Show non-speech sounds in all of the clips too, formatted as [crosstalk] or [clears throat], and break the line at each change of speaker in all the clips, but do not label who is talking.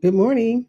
Good morning.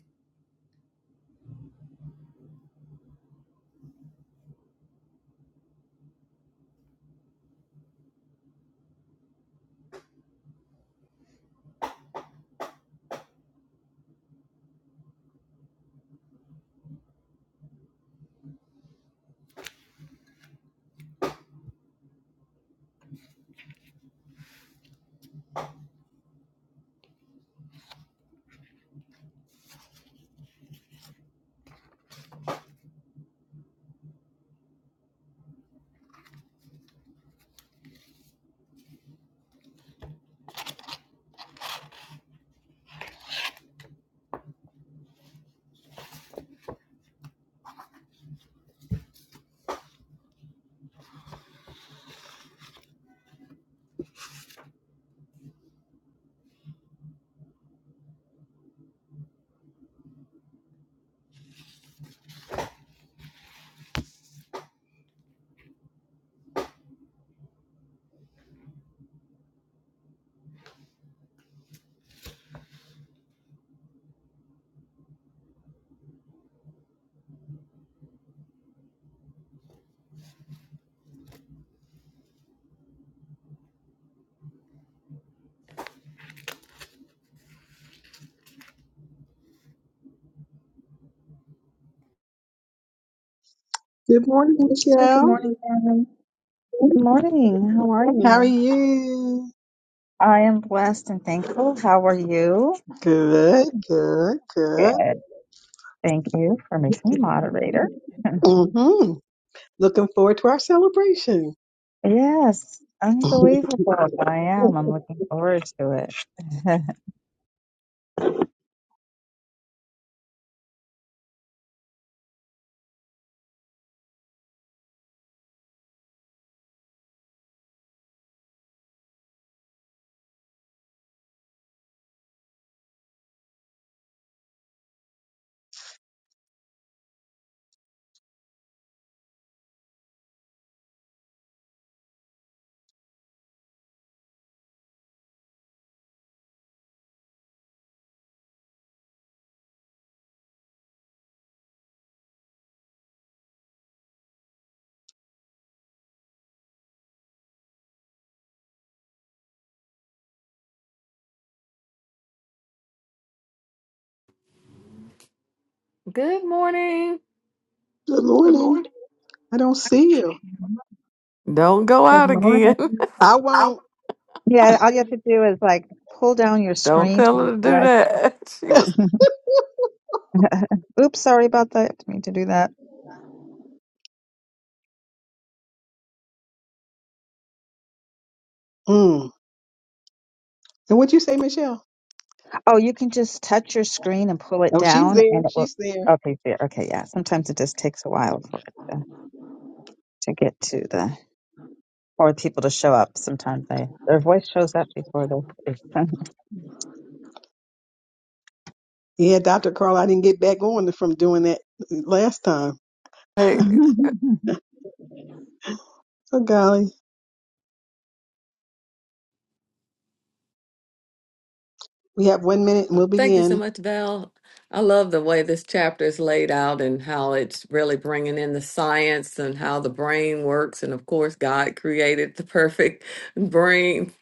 Good morning,
Hey, good
Michelle.
morning, Aaron. Good morning. How are
How are
you?
you?
I am blessed and thankful. How are you?
Good, good, good.
Good. Thank you for making me moderator. [laughs]
hmm Looking forward to our celebration.
Yes,
[laughs] good
unbelievable. I am. I'm looking forward to it. [laughs] Good
Good morning. Good
morning.
morning.
I don't see you.
Don't go out
morning.
again.
I
[laughs]
won't.
Yeah, all you have to do is like pull down your
Don't
screen to
tell her to do
refresh.
that. [laughs] She was
[laughs] Oops, sorry about that. I didn't mean to do that.
Mm. And what'd you say, Michelle?
Oh, you can just touch your screen and pull it
Oh, she's
down,
there.
and it will.
She's there.
Okay, there. Okay, yeah. Sometimes it just takes a while for it to, to get to the for people to show up. Sometimes they their voice shows up before their face. [laughs]
Yeah, Dr. Carl, I didn't get back on from doing that last time.
like,
Oh, golly. We have one minute and
Uh,
we'll
Thank you so
begin.
much, Val. I love the way this chapter is laid out and how it's really bringing in the science and how the brain works. And of course, God created the perfect [laughs] brain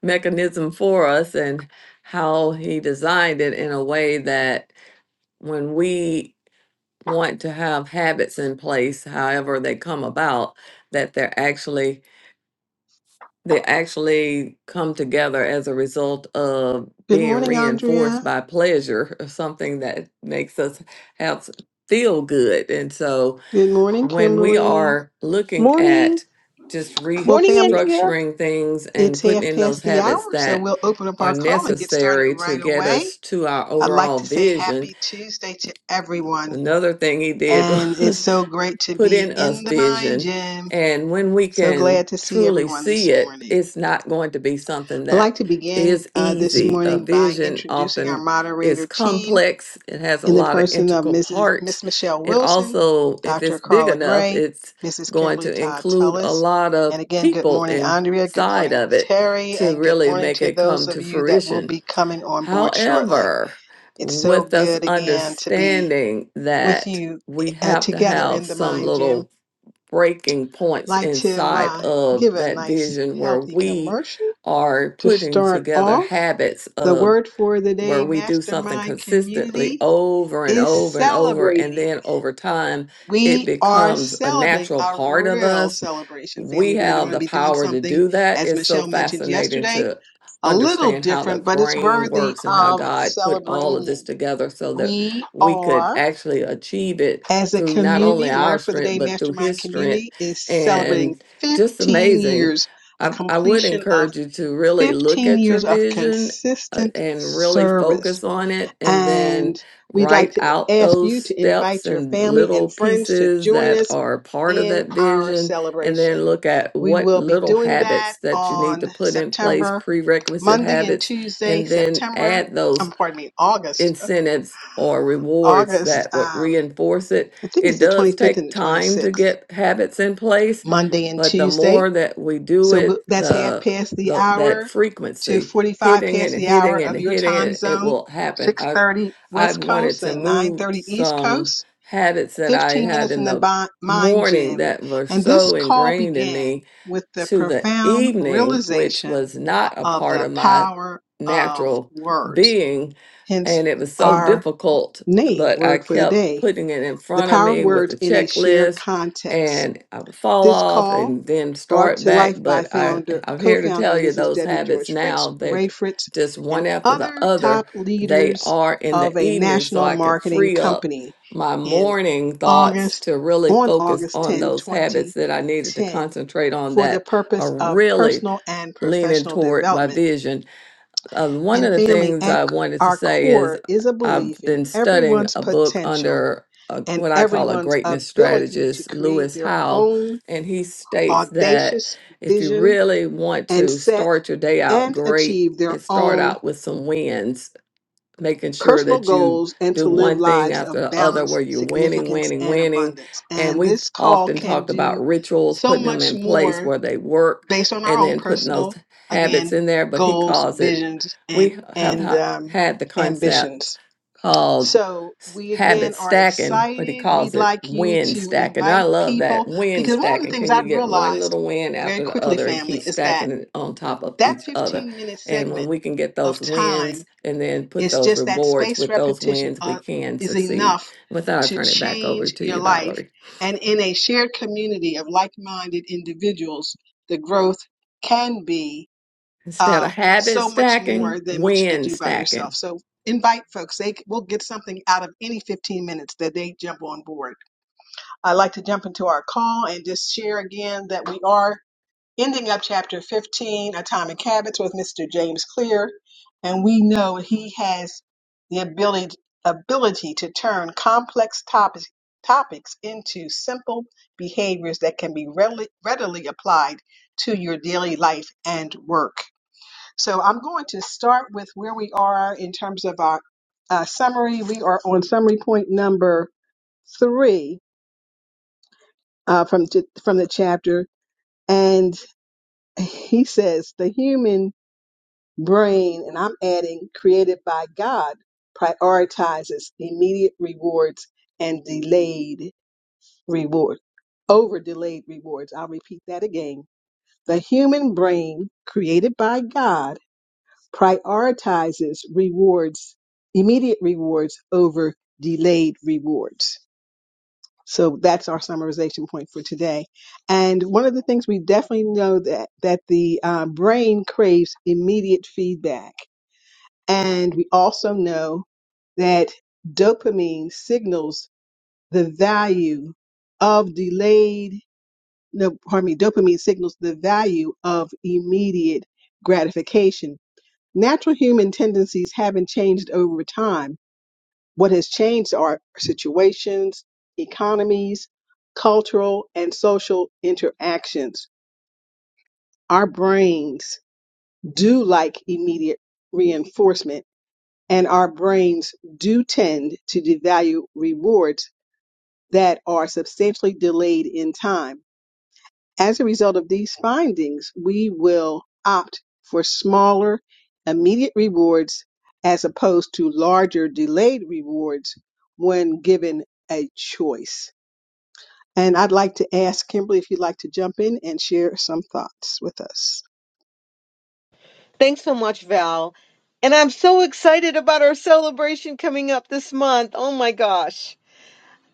mechanism for us and how He designed it in a way that when we want to have habits in place, however they come about, that they're actually they actually come together as a result of
Good
being
morning,
reinforced
Andrea.
by pleasure or something that makes us have feel good. And so
Good morning,
when we
Kimberly.
are looking
Morning.
at just
Well,
Morning,
family,
Andrea.
restructuring things and
it's
putting
half
in those
past the
habits
hour, so
that
we'll open up
are
our call and get started
necessary to
right
get us
away.
to our
I'd like
overall
to say
vision.
happy Tuesday to everyone.
Another thing he did
And it's
was [laughs]
so great to
put
be
in us
in the mind
vision.
gym.
And when we
So
can
glad to see
truly
everyone
see
this
it,
morning.
it's not going to be something
I'd
that
like to begin
is
uh, this
easy. A
morning by
vision
introducing our
often is
moderator team.
complex, it has a
in the
lot of
person of
integral
Mrs.
parts.
Miss Michelle
It
Wilson,
also, if
Dr.
it's big
Carla
enough,
Gray,
it's
Mrs.
going
Kimberly
to
Todd
include a
Tullis.
lot of
And again, good
people
morning, Andrea. Good
inside
morning,
of it
Terry.
to
And good
really
morning
make
to
it
those
come
of
to
you that will
fruition.
be coming on board shortly.
However,
It's so
with us
good again to be
understanding
with
that
you
we
uh,
have to
together
have
in the
some
mind gym.
little breaking points
Like to
inside
uh,
of
give a
that
nice,
vision where
healthy
we
commercial
are
to
putting
start
together
off.
habits
The
of
word for the
where
day,
we do something
Mastermind
consistently
Community,
over and
is
over and over, and
celebrating.
then over time it
We are
becomes a
celebrating
natural
a
part of
real
us
celebration,
we
family. We're
have
going to
the
be doing
power to
something,
do that.
as
It's so
Michelle mentioned
fascinating
yesterday,
to
a little
understand how the
different, but it's
brain
worthy
works and how
of
God put all of this
celebrating.
together so that
We
we could
are,
actually achieve it
as a
through not only
community, the
our
word for the
strength,
day,
but through
Mastermind
His strength.
Community, is celebrating
And just
15
amazing.
years, a
I, I would
completion of
encourage you to really look
15
at your
years of
vision uh,
consistent
and really
service.
focus on it and
And
then
we'd like
write
to
out
ask
those
you to
steps
invite your
and
family
little
and friends to
pieces
join
that
us
are part of
in
that
our
vision and then
celebration.
look at
We
what
will be
little
doing that
habits that you need
on
to put in place,
September,
prerequisite
Monday and
habits,
Tuesday,
and then
September,
add those
um, pardon me, August,
incentives or rewards
August,
that would
um,
reinforce it.
I think
It
it's the
does
25th
take
and the
time
26th,
to get habits in place,
Monday and
but the
Tuesday.
more that we do
So
it,
that's half
the,
past the
the that
hour to
frequency,
45
hitting it
past
and
the
hitting
hour
it
of
and
your
hitting
time
it, it
zone,
will happen. I've
6.30
I've
West
wanted
Coast
to
and
move
9.30 East
some
Coast
habits that I
15
had
minutes
in
in the
the
mind
morning
gym,
that were
and this
so
call
ingrained in
began
me
with the
to the
profound
evening, which
realization
was not a
of
part
the
of my
power of
natural
words,
being
hence
and it was so
our
difficult
name,
but i
Word for the
kept
Day,
putting it in
the
front of
power of
me with a
words in a shared
checklist
context.
and i would fall
This
off
call,
and then
brought
start
to
back
life by
but i
founder,
i'm here to tell
co-founder
you
Mrs.
those
Debbie
habits
George
now
Fritz,
they're
Ray Fritz,
just
and
one after the
other
other
top
they
leaders
are in
of
the
a
evening so
national
i could
marketing
free up
company
my
in
morning thoughts
August,
to really
on
focus
August
on
tenth,
those habits
twenty
that i needed to
10, 2010,
concentrate on
for the
that
purpose
are
of
really
personal and
leaning
professional
toward my
development.
vision uh, one of
And
the
family
things
at
I wanted to
our
say is
core is a
I've
belief in
been studying
everyone's
a book
potential
under a,
and
what I call a
everyone's
greatness
ability to
strategist,
create
Lewis
their
Howell,
own
and he states that
audacious
if you
vision
really want
and
to
set
start your day out
and
great,
achieve their
it start
own
out with some wins making sure
personal
that you
goals and
do
to live
one thing
lives of
after the other where
balance,
you're winning,
significance,
winning,
and
winning.
abundance.
And
And
we've
this call
often
can
talked
do
about rituals,
so
putting them
much
in place
more
where they work
based on our
and
own
then putting
personal,
those habits
again,
in there. But he
goals,
calls it,
visions, and
we have
and
ha-
um,
had the concept
ambitions.
called
So
s-
we
habit
again are
stacking, but he
excited.
calls
We'd
it
like you
win
to
stacking. I
invite
love that
people
win
because one of the
stacking.
things
Can you
I've
get one
realized
little win
very
after the
quickly,
other and keep
family, is that
stacking it on top of
that
each other?
15 minute
And when
segment
we can get
of
those
time
wins and then put
is
those
just that
rewards
space
with those
repetition
wins, we
uh,
can
is
succeed.
enough
With that, I'll
to
turn it back over
change
to
your
you,
life
Valerie.
and in a shared community of like-minded individuals the growth can be
Instead
uh,
of habit
so much
stacking,
more than what you could
win
do by
stacking.
yourself so invite folks they will get something out of any 15 minutes that they jump on board i'd like to jump into our call and just share again that we are ending up chapter 15, Atomic Habits, with Mr. James Clear. And we know he has the ability, ability to turn complex topics, topics into simple behaviors that can be readily, readily applied to your daily life and work. So I'm going to start with where we are in terms of our uh, summary. We are on summary point number three uh, from, t- from the chapter. And he says the human brain, and I'm adding created by God, prioritizes immediate rewards and delayed reward over delayed rewards. I'll repeat that again. The human brain created by God prioritizes rewards, immediate rewards over delayed rewards. So that's our summarization point for today. And one of the things we definitely know that that the uh, brain craves immediate feedback and we also know that dopamine signals the value of delayed, no, pardon me, dopamine signals the value of immediate gratification. Natural human tendencies haven't changed over time. What has changed are situations, economies, cultural, and social interactions. Our brains do like immediate reinforcement and our brains do tend to devalue rewards that are substantially delayed in time. As a result of these findings, we will opt for smaller, immediate rewards as opposed to larger, delayed rewards when given a choice. And I'd like to ask Kimberly if you'd like to jump in and share some thoughts with us.
Thanks so much, Val. And I'm so excited about our celebration coming up this month. Oh my gosh.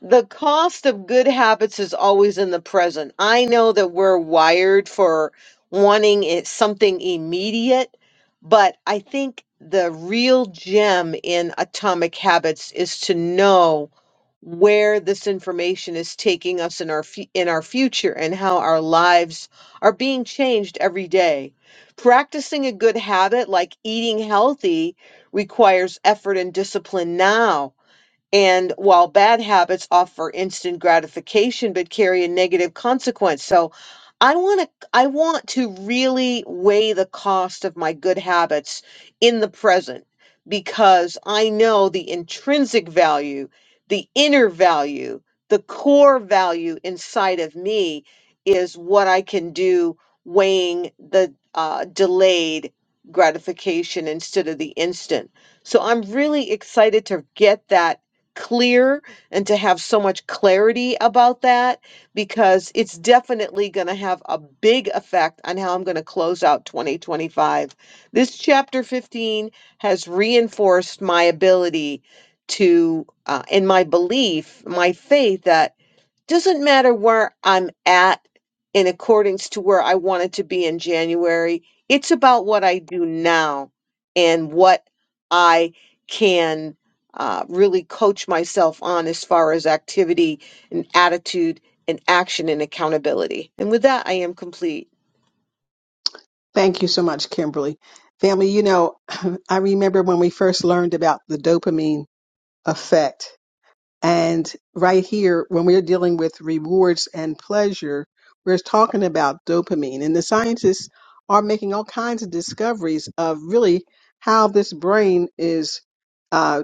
the cost of good habits is always in the present. I know that we're wired for wanting it something immediate, but I think the real gem in atomic habits is to know where this information is taking us in our fu- in our future and how our lives are being changed every day. Practicing a good habit like eating healthy requires effort and discipline now and while bad habits offer instant gratification but carry a negative consequence. So I want to I want to really weigh the cost of my good habits in the present because I know the intrinsic value, the inner value, the core value inside of me is what I can do weighing the uh, delayed gratification instead of the instant. So I'm really excited to get that clear and to have so much clarity about that because it's definitely going to have a big effect on how I'm going to close out 2025. This chapter 15 has reinforced my ability to, uh, and my belief, my faith that doesn't matter where I'm at in accordance to where I wanted to be in January. It's about what I do now and what I can uh, really coach myself on as far as activity and attitude and action and accountability. And with that, I am complete.
Thank you so much, Kimberly. Family, you know, [clears throat] I remember when we first learned about the dopamine effect. And right here, when we're dealing with rewards and pleasure, we're talking about dopamine. And the scientists are making all kinds of discoveries of really how this brain is uh,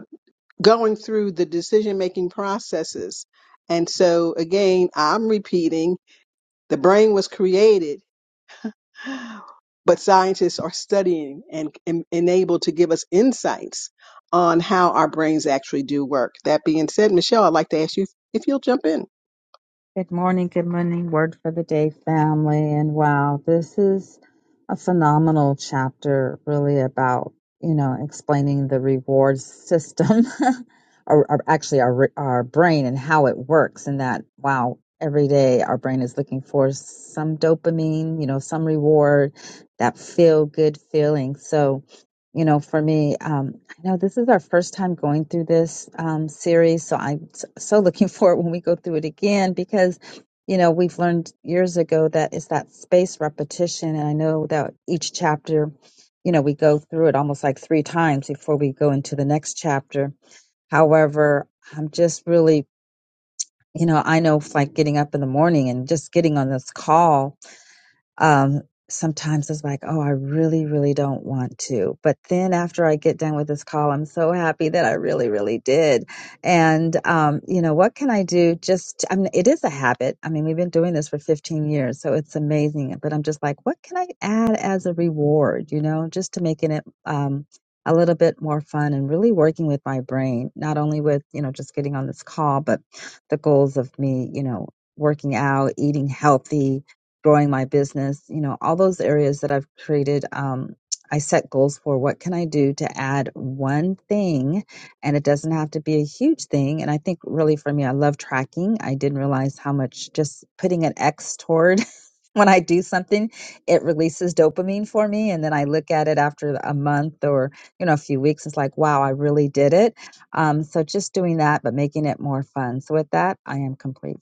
going through the decision making processes. And so, again, I'm repeating the brain was created but scientists are studying and, and, and able to give us insights on how our brains actually do work. That being said, Michelle, I'd like to ask you if if you'll jump in.
good morning, good morning, word for the day, family, and wow, this is a phenomenal chapter, really about you know explaining the reward system, [laughs] or, or actually our re- our brain and how it works, and that wow. Every day, our brain is looking for some dopamine, you know, some reward, that feel good feeling. So, you know, for me, um, I know this is our first time going through this um, series, so I'm s- so looking [laughs] forward when we go through it again because, you know, we've learned years ago that it's that space repetition. And I know that each chapter, you know, we go through it almost like three times before we go into the next chapter. However, I'm just really, you know, I know it's like getting up in the morning and just getting on this call um, sometimes it's like, oh, I really, really don't want to. But then after I get done with this call, I'm so happy that I really, really did. And, um, you know, what can I do? Just, I mean, it is a habit. I mean, we've been doing this for 15 years, so it's amazing. But I'm just like, what can I add as a reward, you know, just to making it, um, a little bit more fun and really working with my brain, not only with, you know, just getting on this call, but the goals of me, you know, working out, eating healthy, growing my business, you know, all those areas that I've created, um, I set goals for what can I do to add one thing and it doesn't have to be a huge thing. And I think really for me, I love tracking. I didn't realize how much just putting an X toward [laughs] when I do something, it releases dopamine for me. And then I look at it after a month or, you know, a few weeks. It's like, wow, I really did it. Um, so just doing that, but making it more fun. So with that, I am complete.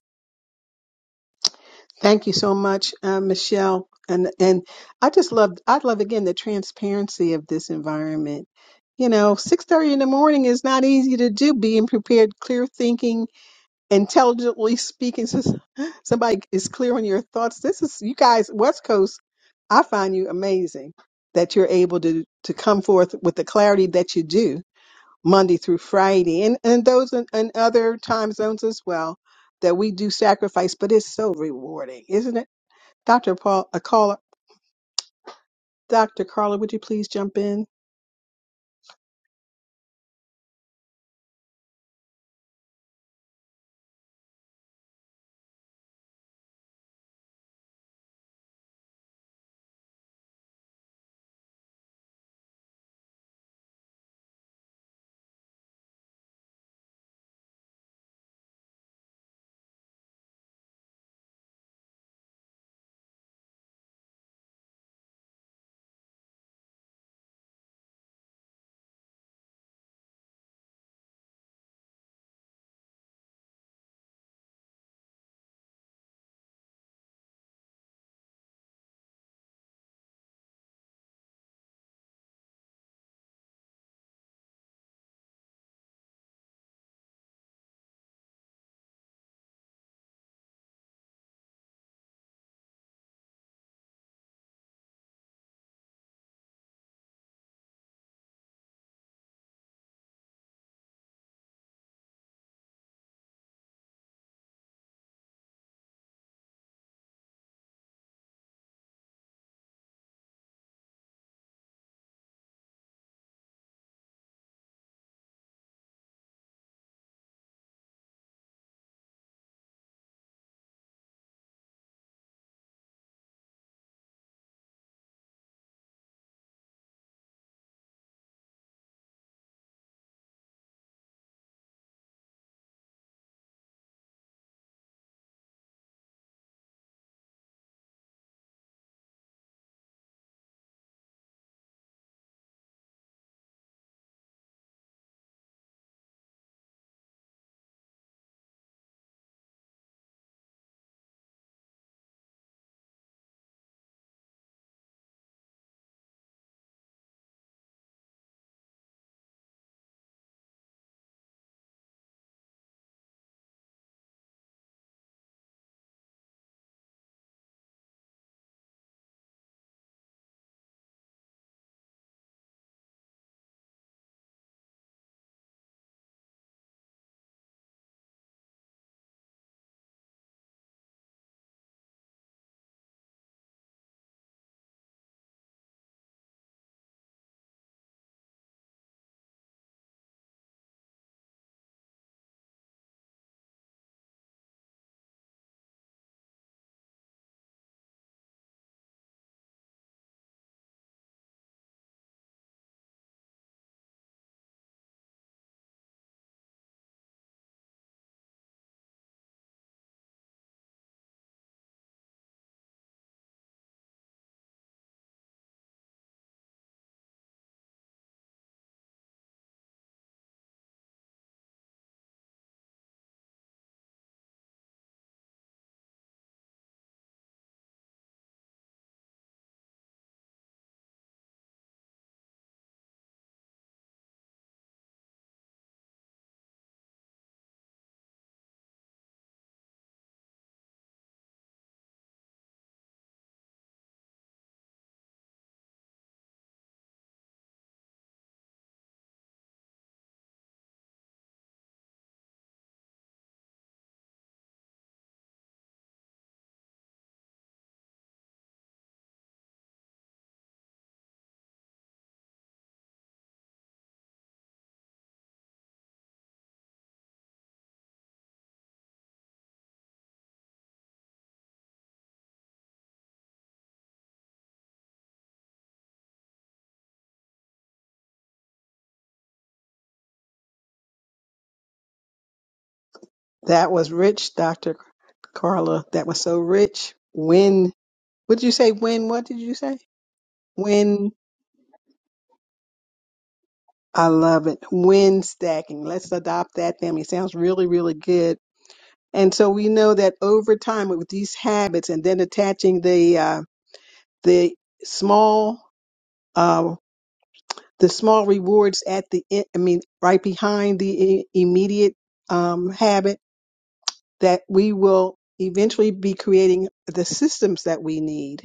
Thank you so much, uh, Michelle. And and I just love I love again the transparency of this environment. You know, six thirty in the morning is not easy to do. Being prepared, clear thinking, intelligently speaking. Since somebody is clear on your thoughts, this is you guys, West Coast. I find you amazing that you're able to to come forth with the clarity that you do Monday through Friday, and and those in, in other time zones as well. That we do sacrifice, but it's so rewarding, isn't it, Doctor Paul? A caller, Doctor Carla, would you please jump in? That was rich, Dr. Carla. That was so rich. When, what did you say? When, what did you say? When, I love it. When stacking. Let's adopt that family. Sounds really, really good. And so we know that over time with these habits and then attaching the, uh, the small, uh, the small rewards at the, end, I mean, right behind the i- immediate, um, habit that we will eventually be creating the systems that we need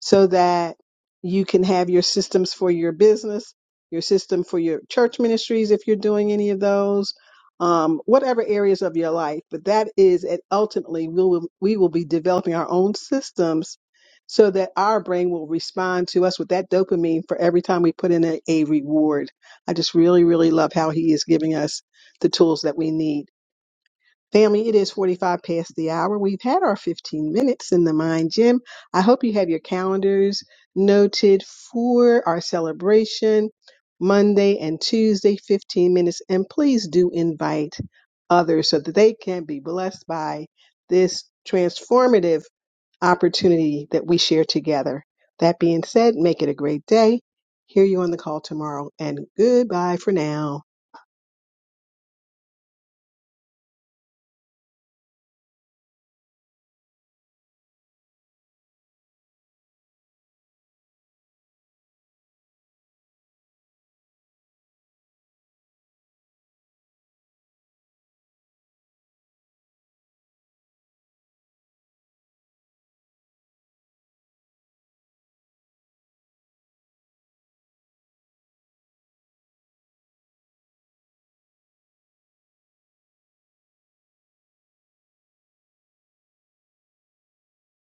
so that you can have your systems for your business, your system for your church ministries, if you're doing any of those, um, whatever areas of your life. But that is, and ultimately, we will we will be developing our own systems so that our brain will respond to us with that dopamine for every time we put in a, a reward. I just really, really love how he is giving us the tools that we need. Family, it is 45 past the hour. We've had our 15 minutes in the Mind Gym. I hope you have your calendars noted for our celebration Monday and Tuesday, 15 minutes. And please do invite others so that they can be blessed by this transformative opportunity that we share together. That being said, make it a great day. Hear you on the call tomorrow, and goodbye for now.